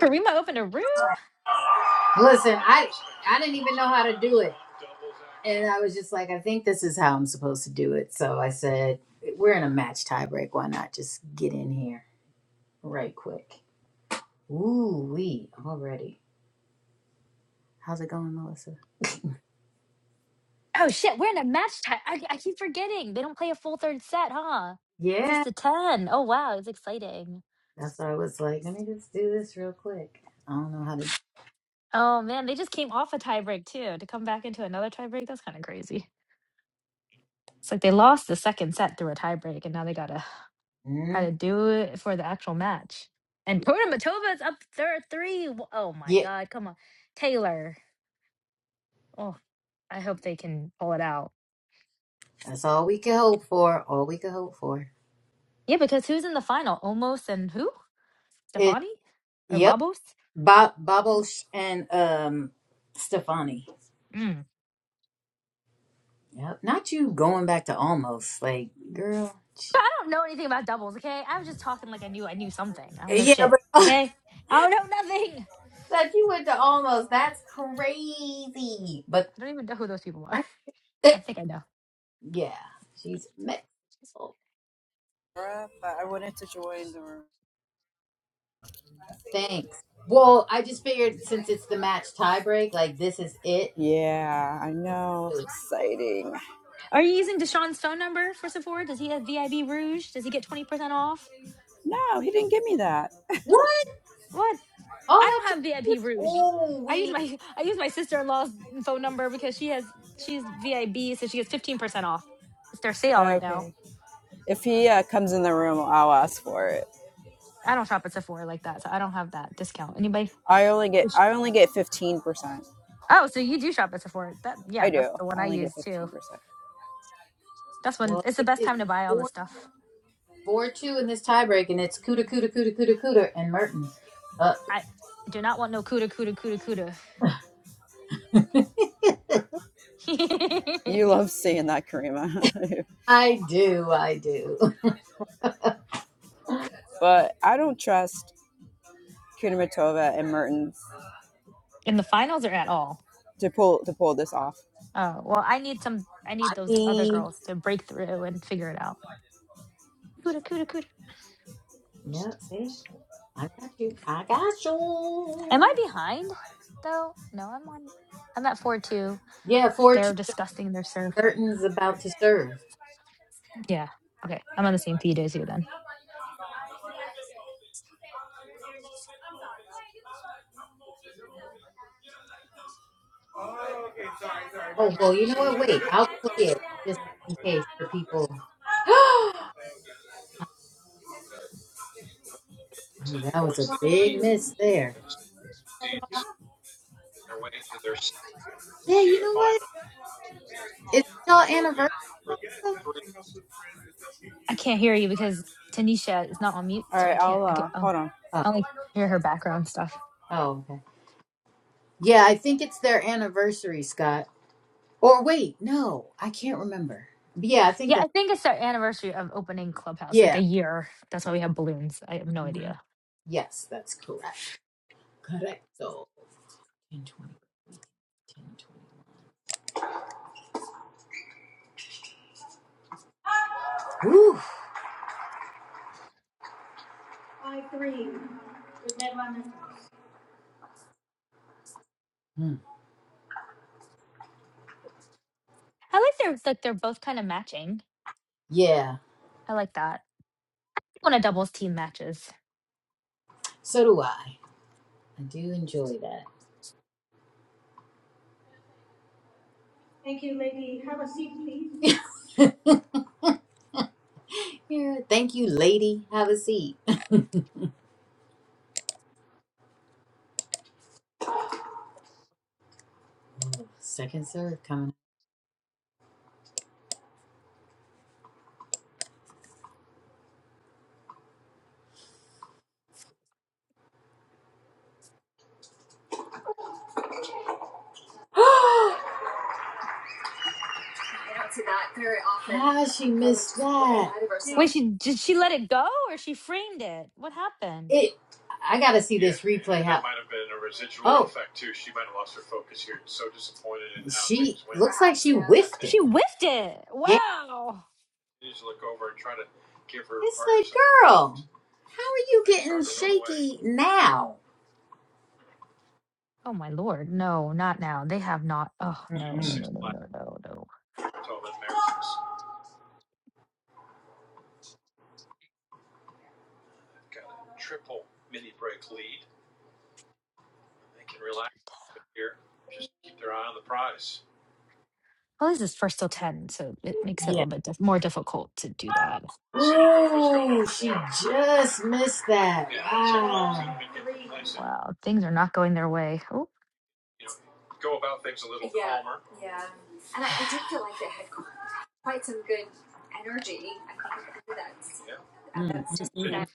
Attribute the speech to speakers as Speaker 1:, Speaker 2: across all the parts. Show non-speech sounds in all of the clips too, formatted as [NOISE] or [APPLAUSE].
Speaker 1: Karima opened a room?
Speaker 2: Listen, I I didn't even know how to do it, and I was just like, I think this is how I'm supposed to do it. So I said, we're in a match tie break. Why not just get in here right quick? Ooh wee, already. How's it going, Melissa?
Speaker 1: Oh shit, we're in a match tie. I, I keep forgetting. They don't play a full third set, huh? It's
Speaker 2: Yeah,
Speaker 1: just a 10. Oh wow, it's exciting.
Speaker 2: that's what I was like. Let me just do this real quick. I don't know how to.
Speaker 1: Oh man, they just came off a tiebreak too. To come back into another tiebreak, that's kind of crazy. It's like they lost the second set through a tiebreak and now they gotta try
Speaker 2: Mm,
Speaker 1: to do it for the actual match. And Potamatova is up third three. W- Oh my
Speaker 2: yeah,
Speaker 1: god, come on. Taylor. Oh, I hope they can pull it out.
Speaker 2: that's all we could hope for. All we could hope for.
Speaker 1: Yeah, because who's in the final? Almost and who?
Speaker 2: It.
Speaker 1: Stefani or
Speaker 2: Yep.
Speaker 1: Babos.
Speaker 2: Bob, Babosh, and um, Stefani.
Speaker 1: Mm.
Speaker 2: Yep. Not you going back to almost like girl.
Speaker 1: But [LAUGHS] I don't know anything about doubles. Okay, I was just talking like I knew. I knew something. I don't know
Speaker 2: Yeah,
Speaker 1: shit.
Speaker 2: but [LAUGHS]
Speaker 1: Okay, [LAUGHS] I don't know nothing.
Speaker 2: that you went to almost. That's crazy. But
Speaker 1: I don't even know who those people are.
Speaker 2: [LAUGHS]
Speaker 1: [LAUGHS] I think I know.
Speaker 2: yeah, she's Mexico.
Speaker 3: Laura, but I wanted to join the room.
Speaker 2: Thanks. Well, I just figured since it's the match tiebreak, like this is it.
Speaker 3: Yeah, I know. It's exciting.
Speaker 1: Are you using Deshaun's phone number for Sephora? Does he have VIB Rouge? Does he get twenty percent off?
Speaker 3: No, he didn't give me that.
Speaker 2: What?
Speaker 1: What?
Speaker 2: All
Speaker 1: I
Speaker 2: that
Speaker 1: don't have
Speaker 2: time?
Speaker 1: VIP Rouge.
Speaker 2: Oh
Speaker 1: I use
Speaker 2: wait.
Speaker 1: my [LAUGHS] I use my sister in law's phone number because she has she's VIB, so she gets fifteen percent off. It's their sale right now.
Speaker 3: Okay. If he uh, comes in the room, I'll ask for it.
Speaker 1: I don't shop at Sephora like that, so I don't have that discount. Anybody?
Speaker 3: I only get I only get 15%.
Speaker 1: Oh, so you do shop at Sephora. That yeah,
Speaker 3: I
Speaker 1: that's
Speaker 3: do.
Speaker 1: the one
Speaker 3: I
Speaker 1: I
Speaker 3: only get
Speaker 1: use too.
Speaker 3: 15%.
Speaker 1: That's when
Speaker 2: Well,
Speaker 1: it's the
Speaker 2: it
Speaker 1: best
Speaker 2: is
Speaker 1: time to buy all the
Speaker 2: four
Speaker 1: stuff.
Speaker 2: four two in this tiebreak, and it's Kuda Kuda Kuda Kuda Kuda and Mertens. Uh,
Speaker 1: I do not want no CUDA CUDA CUDA CUDA.
Speaker 2: [LAUGHS]
Speaker 3: You
Speaker 1: [LAUGHS]
Speaker 3: love seeing that, Karima.
Speaker 2: I do, I do. [LAUGHS]
Speaker 3: [LAUGHS] but I don't trust Kudamatova and Mertens
Speaker 1: In the finals or at all.
Speaker 3: to pull to pull this off.
Speaker 1: Oh well I need some I
Speaker 2: I
Speaker 1: need those other
Speaker 2: mean,
Speaker 1: girls to break through and figure it out. CUDA CUDA CUDA.
Speaker 2: yeah. See. I got you. I got
Speaker 1: Am I
Speaker 2: you.
Speaker 1: behind though? No, I'm on I'm at four two.
Speaker 2: Yeah, four two.
Speaker 1: They're discussing their surf.
Speaker 2: Burton's about to serve.
Speaker 1: Yeah. Okay. I'm on the same feed as you then.
Speaker 2: Oh well, you know what? Wait, I'll play it just in case for people. [GASPS] Oh, that was a big miss there. Yeah, you know what? Is it y'all anniversary?
Speaker 1: I can't hear you because Tanisha is not on mute,
Speaker 3: All
Speaker 1: so
Speaker 3: right,
Speaker 1: I can't
Speaker 3: I'll
Speaker 1: I can
Speaker 3: uh,
Speaker 1: oh
Speaker 3: hold on.
Speaker 2: Oh,
Speaker 1: I only hear her background stuff.
Speaker 2: oh, okay. Yeah, I think it's their anniversary, Scott. Or wait, no, I can't remember. Yeah, I think
Speaker 1: Yeah, I
Speaker 2: that's
Speaker 1: think it's our anniversary of opening Clubhouse, like a
Speaker 2: yeah.
Speaker 1: year. That's why we have balloons. I have no
Speaker 2: hmm
Speaker 1: idea.
Speaker 2: Yes, that's correct. Correcto. 10, 20, ten twenty. I agree with Ned Wayman. Hmm.
Speaker 1: I like they're like they're both kind of matching.
Speaker 2: Yeah,
Speaker 1: I like that. When a doubles team matches.
Speaker 2: so do I. I do enjoy that. Thank you, lady. Have a seat, please. [LAUGHS] Yeah, thank you, lady. Have a seat. [LAUGHS] Second serve coming. [GASPS] Head out to that very often. How she missed that?
Speaker 1: Wait, she did she let it go or she framed it? What happened?
Speaker 2: It. I gotta see this Yeah, replay. How might have been a residual oh. effect too. she might have lost her focus here. So disappointed. In how She looks like she yeah. whiffed it.
Speaker 1: She whiffed it.
Speaker 2: Yeah,
Speaker 1: Wow.
Speaker 2: Give her it's like, girl, how are you getting shaky now?
Speaker 1: Oh my lord. No, not now. They have not. Oh no, no, no, no, no, no, no. Well, this is first till ten, so it makes it a
Speaker 2: Yeah.
Speaker 1: little bit dif- more difficult to do that.
Speaker 2: just missed that.
Speaker 1: Wow, things are not going their way. Oh,
Speaker 2: Yeah, and I, I did feel like it had quite some good energy. I think at the that at Mm, that mm, mm,
Speaker 1: need
Speaker 2: mm.
Speaker 1: to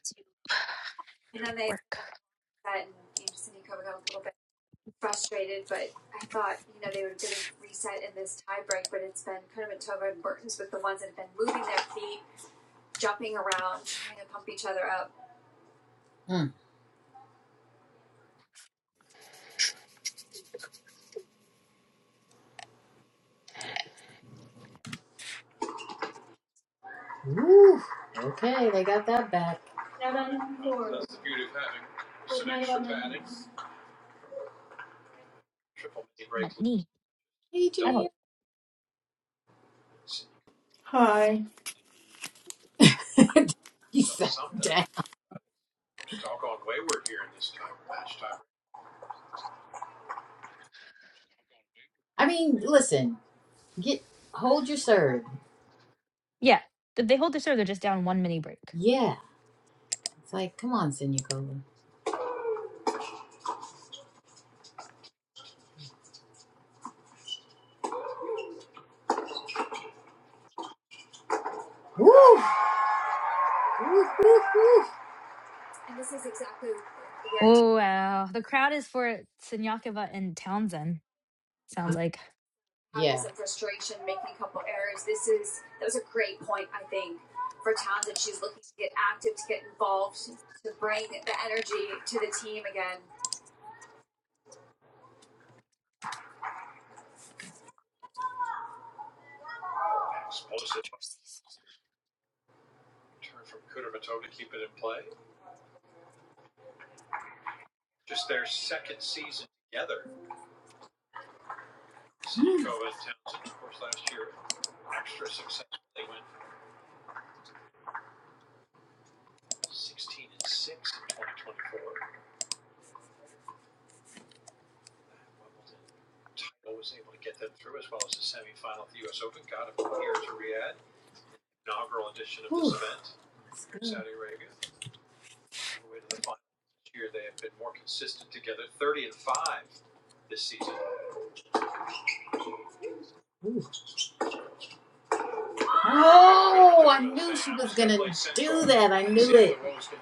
Speaker 2: and
Speaker 1: make
Speaker 2: then
Speaker 1: it
Speaker 2: they
Speaker 1: work.
Speaker 2: that and Anderson and got a little bit frustrated. But I thought you know they were going to reset in this tie break, but it's been Kudermatova and Burton's with the ones that have been moving their feet, jumping around, trying to pump each other up. Woo. Okay, they got that back.
Speaker 1: My knee.
Speaker 2: Hey,
Speaker 1: Ouch.
Speaker 2: Jimmy.
Speaker 4: Hi.
Speaker 2: he said that. [LAUGHS] I mean, listen, get hold your serve.
Speaker 1: Yeah, th- they hold their serve. They're just down one mini break.
Speaker 2: Yeah. It's like, come on, Senior Cola. Woo! Woo, woo, woo.
Speaker 1: Oh wow, the crowd is for Sunyakova and Townsend. Sounds like
Speaker 2: yeah.
Speaker 1: jerseys.
Speaker 2: in Ooh. Oh, for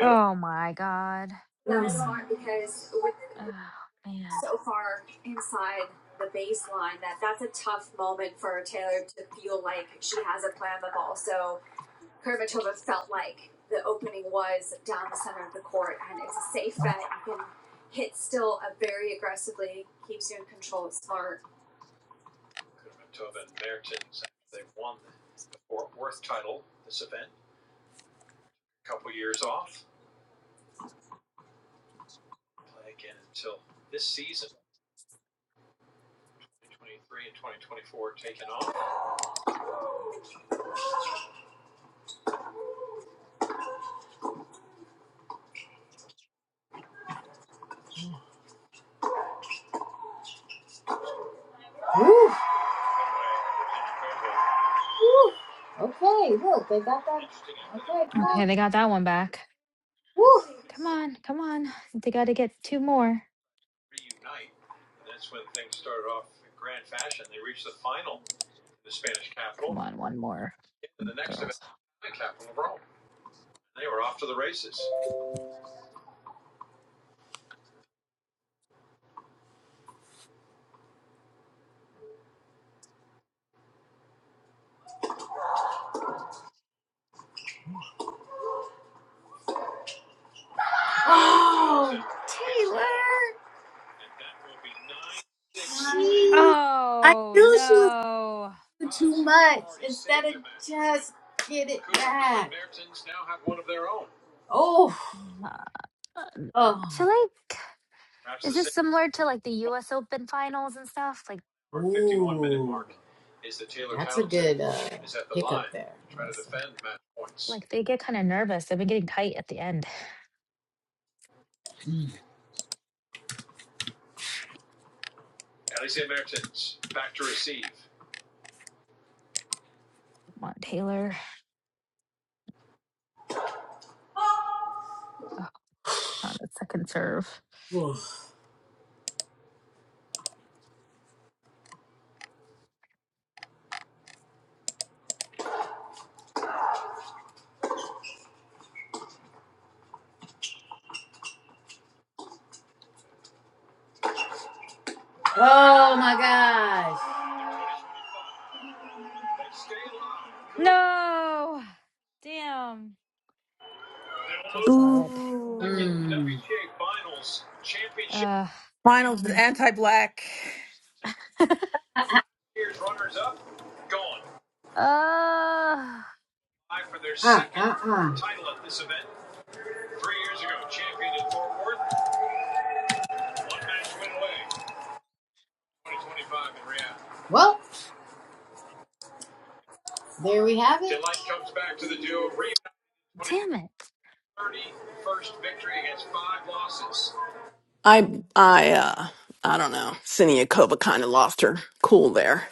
Speaker 1: Oh my god.
Speaker 2: hard because with
Speaker 1: Oh man.
Speaker 2: so far inside the baseline, that that's a tough moment for Taylor to feel like she has a plan on the ball. So Kurmatova felt like the opening was down the center of the court, and it's a safe bet. You can hit still uh, very aggressively, keeps you in control. It's smart. Okay, look, they got that. Okay, come on.
Speaker 1: Okay, they got that one back.
Speaker 2: Woo!
Speaker 1: Come on, come on. They got to get two more. Come on, one more, girls.
Speaker 2: Oh, Taylor! Jeez. I
Speaker 1: Oh
Speaker 2: knew she was
Speaker 1: no.
Speaker 2: doing too much instead of just get it back. Oh,
Speaker 1: Um, So
Speaker 2: oh.
Speaker 1: like, is this similar to like the U.S. Open finals and stuff? Like,
Speaker 2: Ooh. That's a good uh, pickup there.
Speaker 1: like they get kind of nervous. They've been getting tight at the end. Come on, Taylor. on the second serve.
Speaker 2: Ooh. Oh my gosh.
Speaker 1: No, damn, just saw it.
Speaker 4: Ooh.
Speaker 2: Mm.
Speaker 1: Uh,
Speaker 4: Finals is anti black.
Speaker 1: [LAUGHS] uh,
Speaker 2: Ah, ah, ah. Well, there we have it.
Speaker 1: damn it.
Speaker 5: I I uh I don't know. Siniakova kind of lost her cool there.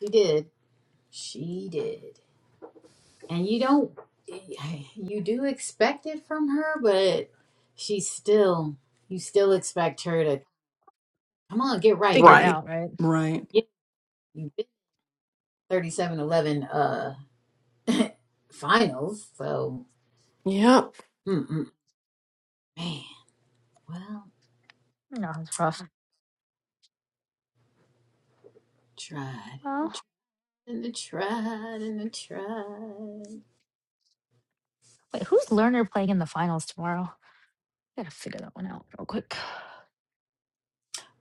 Speaker 2: She did. She did. And you don't, you do expect it from her, but she's still, you still expect her to come on, get right.
Speaker 1: Figure it
Speaker 2: Like you,
Speaker 5: Right.
Speaker 1: out, right?
Speaker 5: Right.
Speaker 2: yeah, you did 37-11 uh, finals, so
Speaker 5: Yep.
Speaker 2: mm-mm. man, well,
Speaker 1: No, it's rough.
Speaker 2: tried,
Speaker 1: Well,
Speaker 2: and I tried, and I tried, and I tried.
Speaker 1: wait, who's Lerner playing in the finals tomorrow? Gotta figure that one out real quick.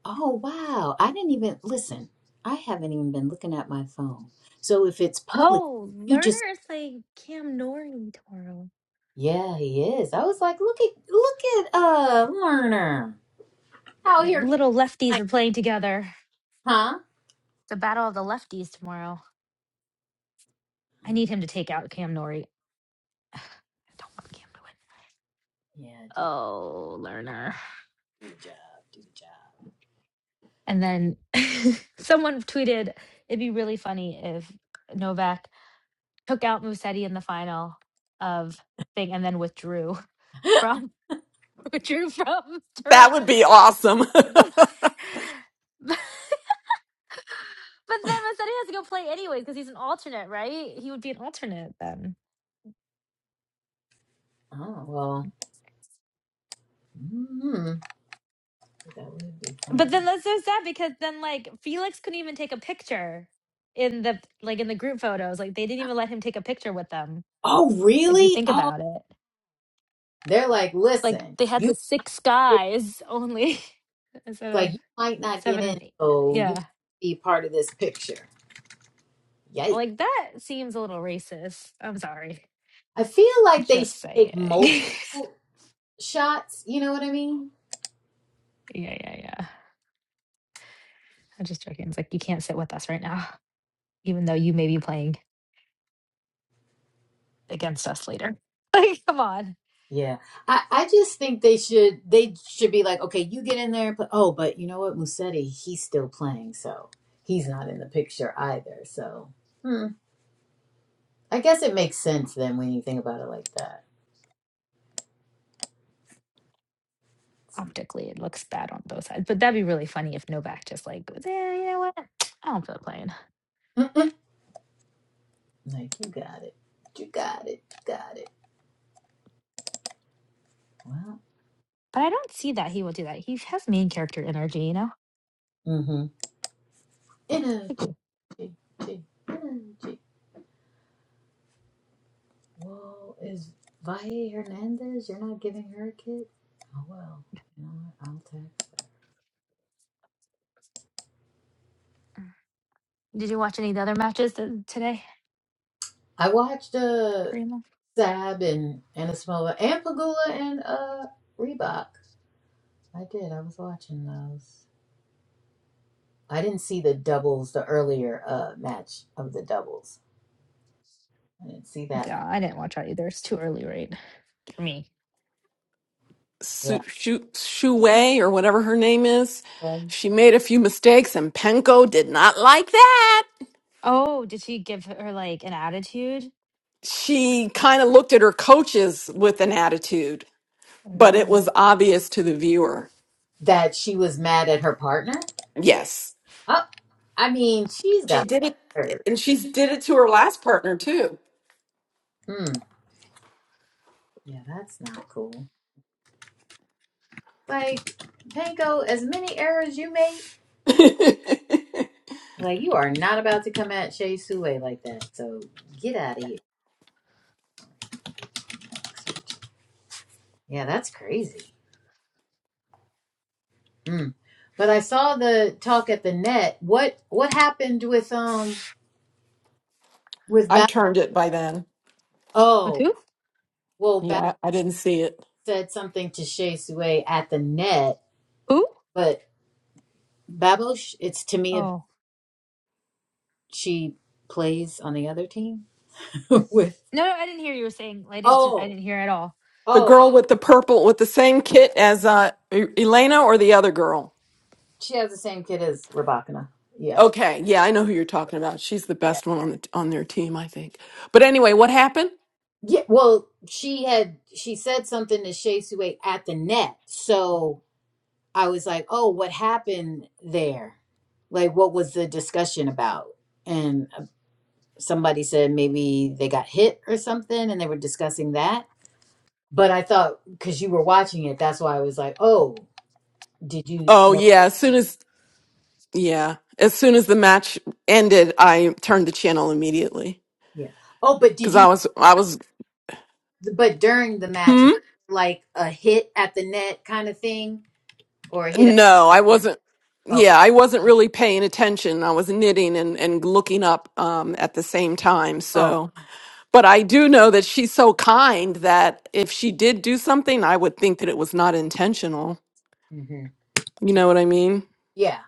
Speaker 2: Oh, wow. I didn't even listen. I haven't even been looking at my phone. So if it's public,
Speaker 1: Oh,
Speaker 2: you just
Speaker 1: Lerner is playing Cam Norrie tomorrow.
Speaker 2: Yeah, he is. I was like, look at look at uh learner out
Speaker 1: Eh,
Speaker 2: here getting
Speaker 1: Little lefties
Speaker 2: like,
Speaker 1: are playing together.
Speaker 2: huh?
Speaker 1: The battle of the lefties tomorrow. I need him to take out Cam Norrie. [SIGHS] I don't want Cam to
Speaker 2: Yeah,
Speaker 1: win.
Speaker 2: do
Speaker 1: Oh, Lerner.
Speaker 2: do the job, do the job.
Speaker 1: And then [LAUGHS] someone tweeted, it'd be really funny if Novak took out Musetti in the final of thing and then withdrew from [LAUGHS] withdrew from
Speaker 5: That
Speaker 1: Turin.
Speaker 5: would be awesome.
Speaker 1: But [LAUGHS] but, but then Musetti has to go play anyways because he's an alternate, right? He would be an alternate then.
Speaker 2: Oh well. hmm That would be
Speaker 1: But then
Speaker 2: funny.
Speaker 1: that's so sad because then like Felix couldn't even take a picture in the like in the group photos. Like they didn't even let him take a picture with them,
Speaker 2: Oh
Speaker 1: if you
Speaker 2: really?
Speaker 1: think
Speaker 2: Oh
Speaker 1: about it.
Speaker 2: they're like,
Speaker 1: like
Speaker 2: listen,
Speaker 1: they had
Speaker 2: you
Speaker 1: the six
Speaker 2: it's
Speaker 1: guys only [LAUGHS] instead
Speaker 2: like
Speaker 1: of
Speaker 2: you might not get
Speaker 1: seven and
Speaker 2: in,
Speaker 1: eight.
Speaker 2: so you can
Speaker 1: Yeah.
Speaker 2: be part of this picture. Yikes.
Speaker 1: Like that seems a little racist. I'm sorry.
Speaker 2: I feel like they should
Speaker 1: Just
Speaker 2: take
Speaker 1: saying. [LAUGHS]
Speaker 2: multiple.
Speaker 1: yeah,
Speaker 2: shots. You know what I mean?
Speaker 1: yeah, yeah. I'm just joking. It's like you can't sit with us right now, even though you may be playing against us later. [LAUGHS] Like, come on.
Speaker 2: Yeah. I, I just think they should they should be like, okay, you get in there, but oh, but you know what, Musetti, he's still playing, so he's not in the picture either. So hmm. I guess it makes sense then when you think about it like that. So,
Speaker 1: Optically, it looks bad on both sides, but that'd be really funny if Novak just like goes, yeah, you know what? I don't feel playing.
Speaker 2: [LAUGHS] like you got it, you got it, you got it. Well,
Speaker 1: But I don't see that he will do that. He has main character energy, you know?
Speaker 2: mm-hmm. Energy,
Speaker 1: Thank you.
Speaker 2: energy, energy. Whoa, is Valle Hernandez? You're not giving her a kid? Oh well, you know what? I'll text.
Speaker 1: Did you watch any of the other matches th- today?
Speaker 2: I watched uh
Speaker 1: Karima?
Speaker 2: Sab and Anasimova and Pagula and uh Reebok. I did. I was watching those. I didn't see the doubles, the earlier uh match of the doubles. I didn't see that.
Speaker 1: Yeah, I didn't watch that either. It's too early, right? For me.
Speaker 5: [LAUGHS] Su
Speaker 2: Yeah.
Speaker 5: Shu Shu Wei or whatever her name is.
Speaker 2: Um,
Speaker 5: She made a few mistakes and Penko did not like that.
Speaker 1: Oh, did she give her like an attitude?
Speaker 5: She kind of looked at her coaches with an attitude, but it was
Speaker 1: Mm.
Speaker 5: obvious to the viewer.
Speaker 2: That she was mad at her partner.
Speaker 5: Yes.
Speaker 2: Oh, I mean, she's
Speaker 5: She
Speaker 2: got
Speaker 5: did it
Speaker 2: her.
Speaker 5: and she's did it to her last partner too.
Speaker 2: Mm. Yeah, that's not cool. Like, Panko, as many errors you make,
Speaker 5: [LAUGHS] I
Speaker 2: like you are not about to come at Shay Sue like that. So get out of here. Yeah, that's crazy. Mm. But I saw the talk at the net. What what happened with um with Bat?
Speaker 5: turned it by then.
Speaker 1: With
Speaker 2: Oh,
Speaker 1: who?
Speaker 2: well, Bab
Speaker 5: Yeah, I I didn't see it.
Speaker 2: said something to Shea Sue at the net,
Speaker 1: Who?
Speaker 2: but Babosh, it's Tamia. Bab-
Speaker 1: Oh.
Speaker 2: She plays on the other team [LAUGHS] with.
Speaker 1: No, no, I didn't hear you were saying. I didn't see. I
Speaker 2: Oh,
Speaker 1: didn't hear at all.
Speaker 5: The
Speaker 2: oh,
Speaker 5: girl with the purple with the same kit as uh E- Elena or the other girl?
Speaker 2: she has the same kid as Rabakana. Yep.
Speaker 5: Okay, yeah, I know who you're talking about. She's the
Speaker 2: Yeah.
Speaker 5: best one on the on their team, I think. But anyway, what happened?
Speaker 2: Yeah. Well, she had she said something to Shea Sue at the net, so. I was like, oh, what happened there? Like, what was the discussion about? And uh, somebody said maybe they got hit or something and they were discussing that. But I thought, because you were watching it, that's why I was like, oh, did you
Speaker 5: Oh,
Speaker 2: know?
Speaker 5: yeah, as soon as yeah, as soon as the match ended, I turned the channel immediately
Speaker 2: Yeah. Oh, but did
Speaker 5: cuz
Speaker 2: you,
Speaker 5: I was I was
Speaker 2: but during the match,
Speaker 5: hmm?
Speaker 2: like a hit at the net kind of thing or a hit at,
Speaker 5: No, I wasn't
Speaker 2: okay.
Speaker 5: yeah, I wasn't really paying attention. I was knitting and and looking up um at the same time.
Speaker 2: Oh,
Speaker 5: So But I do know that she's so kind that if she did do something, I would think that it was not intentional.
Speaker 2: hmm
Speaker 5: You know what I mean?
Speaker 2: yeah.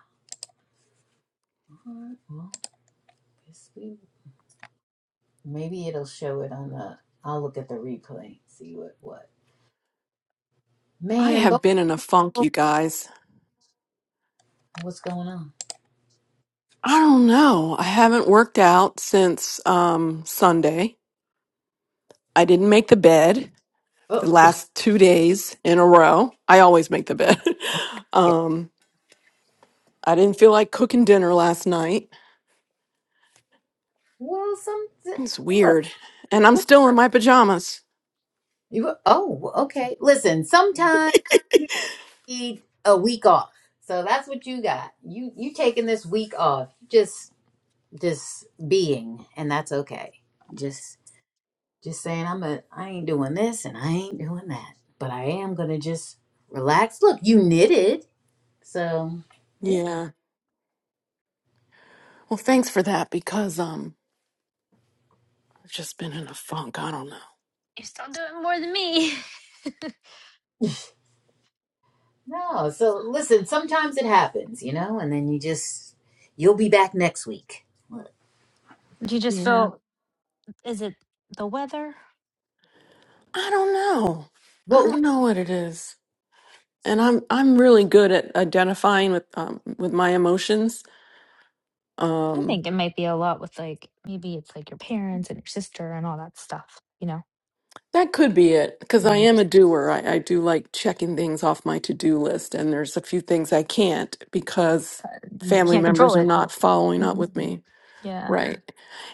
Speaker 2: All right, well, I guess we- maybe it'll show it on the, I'll look at the replay, see what was.
Speaker 5: I
Speaker 2: Man, Bo,
Speaker 5: have been in a funk, you guys.
Speaker 2: what's going on?
Speaker 5: I don't know. I haven't worked out since um, Sunday. I didn't make the bed the
Speaker 2: Oh,
Speaker 5: last two days in a row. I always make the bed. [LAUGHS]
Speaker 2: yeah.
Speaker 5: um, I didn't feel like cooking dinner last night.
Speaker 2: Well, some.
Speaker 5: It's weird. And I'm still in my pajamas.
Speaker 2: You oh, okay. Listen, sometimes you need a week off, so that's what you got. You you taking this week off, just just being, and that's okay. Just just saying, I'm a I ain't doing this and I ain't doing that, but I am gonna just relax. Look, you knitted, so here you go.
Speaker 5: Yeah. Well, thanks for that because um, I've just been in a funk. I don't know.
Speaker 1: You're still doing more than me. [LAUGHS]
Speaker 2: No, so listen, sometimes it happens, you know, and then you just you'll be back next week.
Speaker 1: Do you just
Speaker 5: Yeah.
Speaker 1: feel? Is it the weather?
Speaker 5: I don't know. I
Speaker 2: Well, wait,
Speaker 5: don't know what it is. And I'm I'm really good at identifying with um with my emotions.
Speaker 1: I
Speaker 5: Um
Speaker 1: think it might be a lot with like maybe it's like your parents and your sister and all that stuff. You know,
Speaker 5: that could be it because
Speaker 1: and
Speaker 5: I
Speaker 1: you're
Speaker 5: am a
Speaker 1: just
Speaker 5: doer. I, I do like checking things off my to-do list and there's a few things I can't because
Speaker 1: you
Speaker 5: family
Speaker 1: can't control
Speaker 5: members are
Speaker 1: it.
Speaker 5: not following up
Speaker 1: Mhm.
Speaker 5: with me.
Speaker 1: Yeah.
Speaker 5: Right.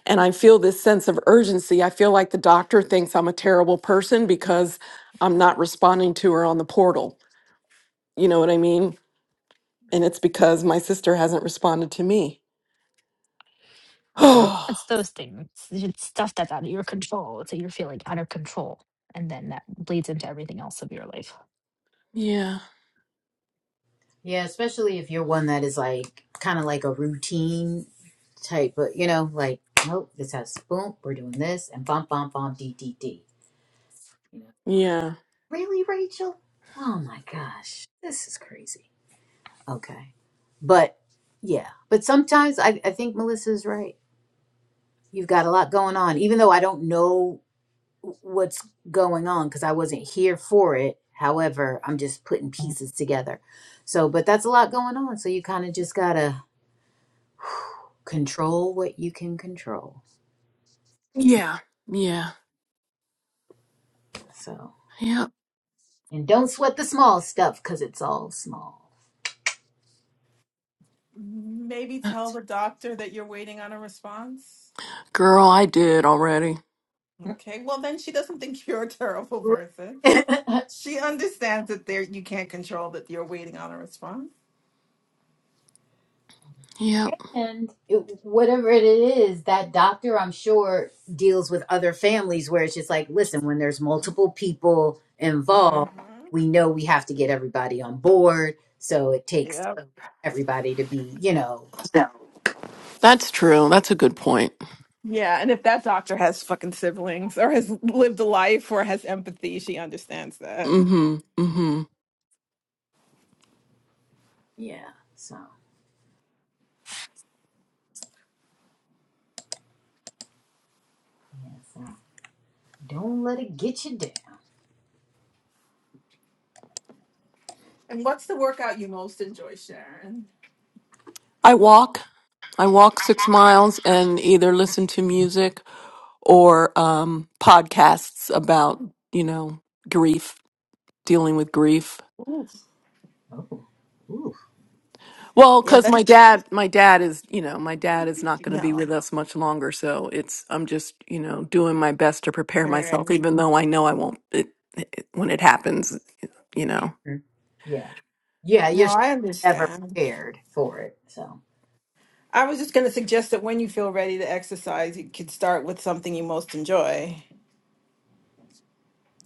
Speaker 5: And I feel this sense of urgency. I feel like the doctor thinks I'm a terrible person because I'm not responding to her on the portal. You know what I mean? and it's because my sister hasn't responded to me. [SIGHS]
Speaker 1: Right.
Speaker 5: Oh,
Speaker 1: It's those things. It's stuff that's out of your control. So you're feeling out of control. And then that bleeds into everything else of your life.
Speaker 5: yeah,
Speaker 2: yeah, especially if you're one that is like kind of like a routine type, but you know, like nope, this has boom, we're doing this and bum bum bum d d d. You know,
Speaker 5: yeah,
Speaker 2: really, Rachel? Oh my gosh, this is crazy. Okay, but yeah, but sometimes I I think Melissa's right. You've got a lot going on, even though I don't know what's going on because I wasn't here for it. However, I'm just putting pieces together. So, but that's a lot going on. So you kind of just got to control what you can control.
Speaker 5: yeah, yeah,
Speaker 2: So,
Speaker 5: yep.
Speaker 2: and don't sweat the small stuff because it's all small.
Speaker 4: Maybe tell the doctor that you're waiting on a response.
Speaker 5: Girl, I did already.
Speaker 2: [LAUGHS]
Speaker 4: Okay. Well, then she doesn't think [LAUGHS] you're a terrible person.
Speaker 2: Right. [LAUGHS]
Speaker 4: She understands that there you can't control that you're waiting on a response.
Speaker 5: Yep,
Speaker 2: And it, whatever it is, that doctor, I'm sure, deals with other families where it's just like, listen, when there's multiple people involved,
Speaker 4: Mhm.
Speaker 2: we know we have to get everybody on board. So it
Speaker 4: Yeah.
Speaker 2: takes everybody to be, you know,
Speaker 4: No.
Speaker 5: that's true. That's a good point.
Speaker 4: Yeah, and if that doctor has fucking siblings or has lived a life or has empathy, she understands that.
Speaker 5: Mm-hmm. Mm-hmm.
Speaker 2: yeah. So, yeah, so don't let it get you down.
Speaker 4: And what's the workout you most enjoy, Sharon?
Speaker 5: I walk. I walk six miles and either listen to music or um, podcasts about you know grief, dealing with grief.
Speaker 2: Oh, ooh.
Speaker 5: Well,
Speaker 4: Yeah,
Speaker 5: because
Speaker 4: that
Speaker 5: my dad, my dad is, you know, my dad is not going to be
Speaker 4: no.
Speaker 5: with us much longer. So it's, I'm just, you know, doing my best to prepare
Speaker 4: All right.
Speaker 5: myself, even though I know I won't, it, it, when it happens, you know.
Speaker 2: Yeah. Yeah,
Speaker 4: No,
Speaker 2: you're
Speaker 4: I
Speaker 2: never
Speaker 4: understand.
Speaker 2: prepared for it. So,
Speaker 4: I was just going to suggest that when you feel ready to exercise, you could start with something you most enjoy,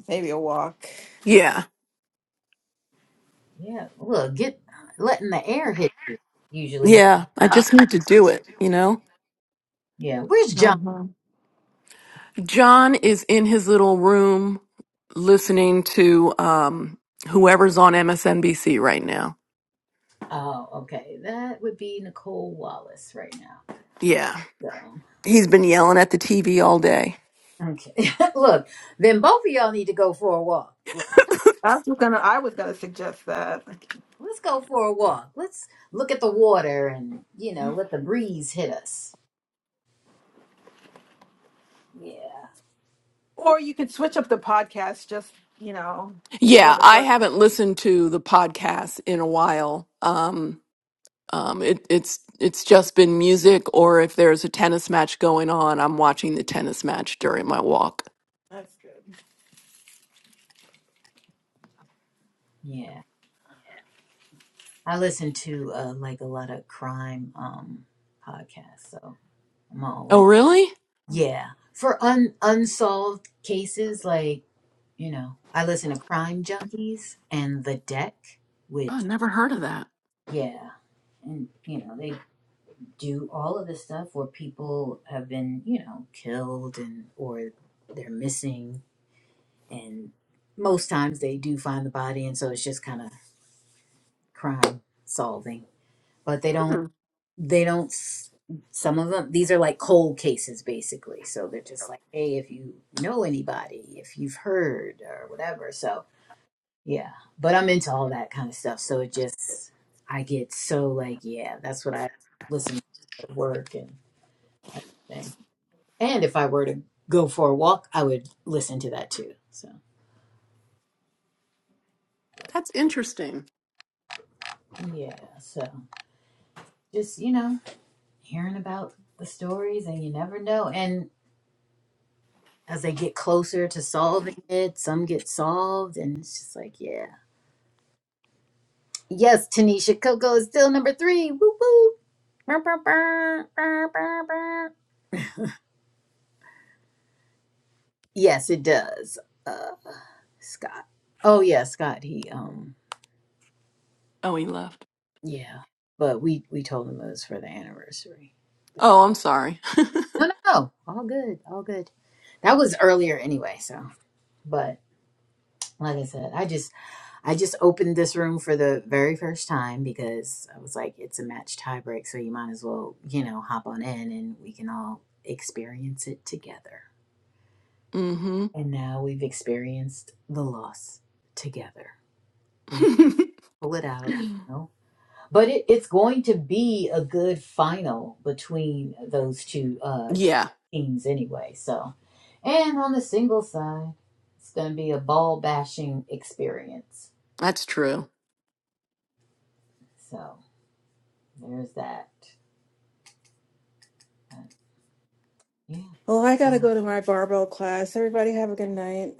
Speaker 4: maybe a walk.
Speaker 5: Yeah.
Speaker 2: yeah, look, get letting the air hit you usually.
Speaker 5: Yeah. I
Speaker 2: helps.
Speaker 5: just need to do it, you know.
Speaker 2: Yeah, where's John?
Speaker 4: hmm
Speaker 5: John is in his little room listening to um, whoever's on MSNBC right now.
Speaker 2: Oh, okay. That would be Nicole Wallace right now.
Speaker 5: Yeah.
Speaker 2: So,
Speaker 5: He's been yelling at the TV all day.
Speaker 2: okay. [LAUGHS] Look, then both of y'all need to go for a walk. Look,
Speaker 4: I was gonna, I was gonna suggest that,
Speaker 2: let's go for a walk. Let's look at the water and, you know, let the breeze hit us. Yeah.
Speaker 4: or you could switch up the podcast just, you know, for
Speaker 5: Yeah.
Speaker 4: the
Speaker 5: I
Speaker 4: first.
Speaker 5: haven't listened to the podcast in a while. Um, Um, it, it's it's just been music, or if there's a tennis match going on, I'm watching the tennis match during my walk.
Speaker 4: That's good.
Speaker 2: Yeah. I listen to uh like a lot of crime um podcasts, so I'm all
Speaker 5: Oh,
Speaker 2: in.
Speaker 5: really?
Speaker 2: Yeah. For un unsolved cases like, you know, I listen to Crime Junkies and The Deck,
Speaker 5: Oh,
Speaker 2: which
Speaker 5: never heard of that.
Speaker 2: yeah and you know they do all of the stuff where people have been, you know, killed and or they're missing and most times they do find the body and so it's just kind of crime solving. But they don't
Speaker 5: Hmm,
Speaker 2: they don't s- some of them these are like cold cases basically. So they're just like, "Hey, if you know anybody, if you've heard or whatever." So, yeah. But I'm into all that kind of stuff. So it just I get so like, yeah, that's what I listen to at work and things. And if I were to go for a walk, I would listen to that too. So,
Speaker 5: that's interesting.
Speaker 2: yeah. So, just, you know, hearing about the stories and you never know. And as they get closer to solving it, some get solved. And it's just like, yeah. Yes, Tanisha Coco is still number three. Woo woo. Brr, brr, brr, brr, brr, brr. Yes, it does. Uh, Scott. Oh, yeah, Scott. He, um,
Speaker 5: Oh, he left.
Speaker 2: yeah. But we, we told him it was for the anniversary.
Speaker 5: Oh, I'm sorry.
Speaker 2: No, no, no. All good. All good. That was earlier anyway, so but like I said, I just I just opened this room for the very first time because I was like, it's a match tie break, so you might as well, you know, hop on in and we can all experience it together.
Speaker 5: Mm-hmm.
Speaker 2: And now we've experienced the loss together. We pull it out, you know. But it, it's going to be a good final between those two. Uh,
Speaker 5: [LAUGHS] yeah,
Speaker 2: teams anyway. So, and on the single side, it's going to be a ball bashing experience.
Speaker 5: that's true.
Speaker 2: So there's that. Uh, yeah.
Speaker 4: Well, I gotta
Speaker 2: So
Speaker 4: go to my barbell class. Everybody have a good night.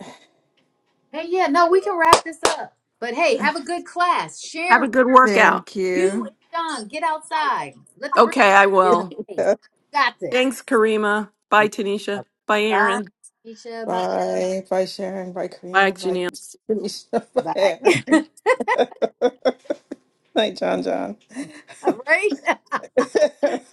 Speaker 2: hey, yeah, no, we can wrap this up. But hey, have a good class.
Speaker 5: Have
Speaker 2: Sharon,
Speaker 5: a good workout.
Speaker 4: Thank
Speaker 2: you
Speaker 4: you.
Speaker 2: and John, get outside. Let the breeze
Speaker 5: Okay, I
Speaker 2: in the
Speaker 5: will.
Speaker 2: face.
Speaker 4: Bye.
Speaker 2: Got this.
Speaker 5: Thanks, Karima. Bye, Tanisha. Bye,
Speaker 2: Bye,
Speaker 5: Aaron.
Speaker 2: Keisha. Bye.
Speaker 4: Bye, Sharon. Bye,
Speaker 5: Bye,
Speaker 4: Karima. Bye,
Speaker 5: Janine.
Speaker 4: Tanisha. [LAUGHS] Bye,
Speaker 2: Bye.
Speaker 4: Aaron.
Speaker 2: [LAUGHS]
Speaker 4: Bye, John John.
Speaker 2: All right.
Speaker 4: [LAUGHS]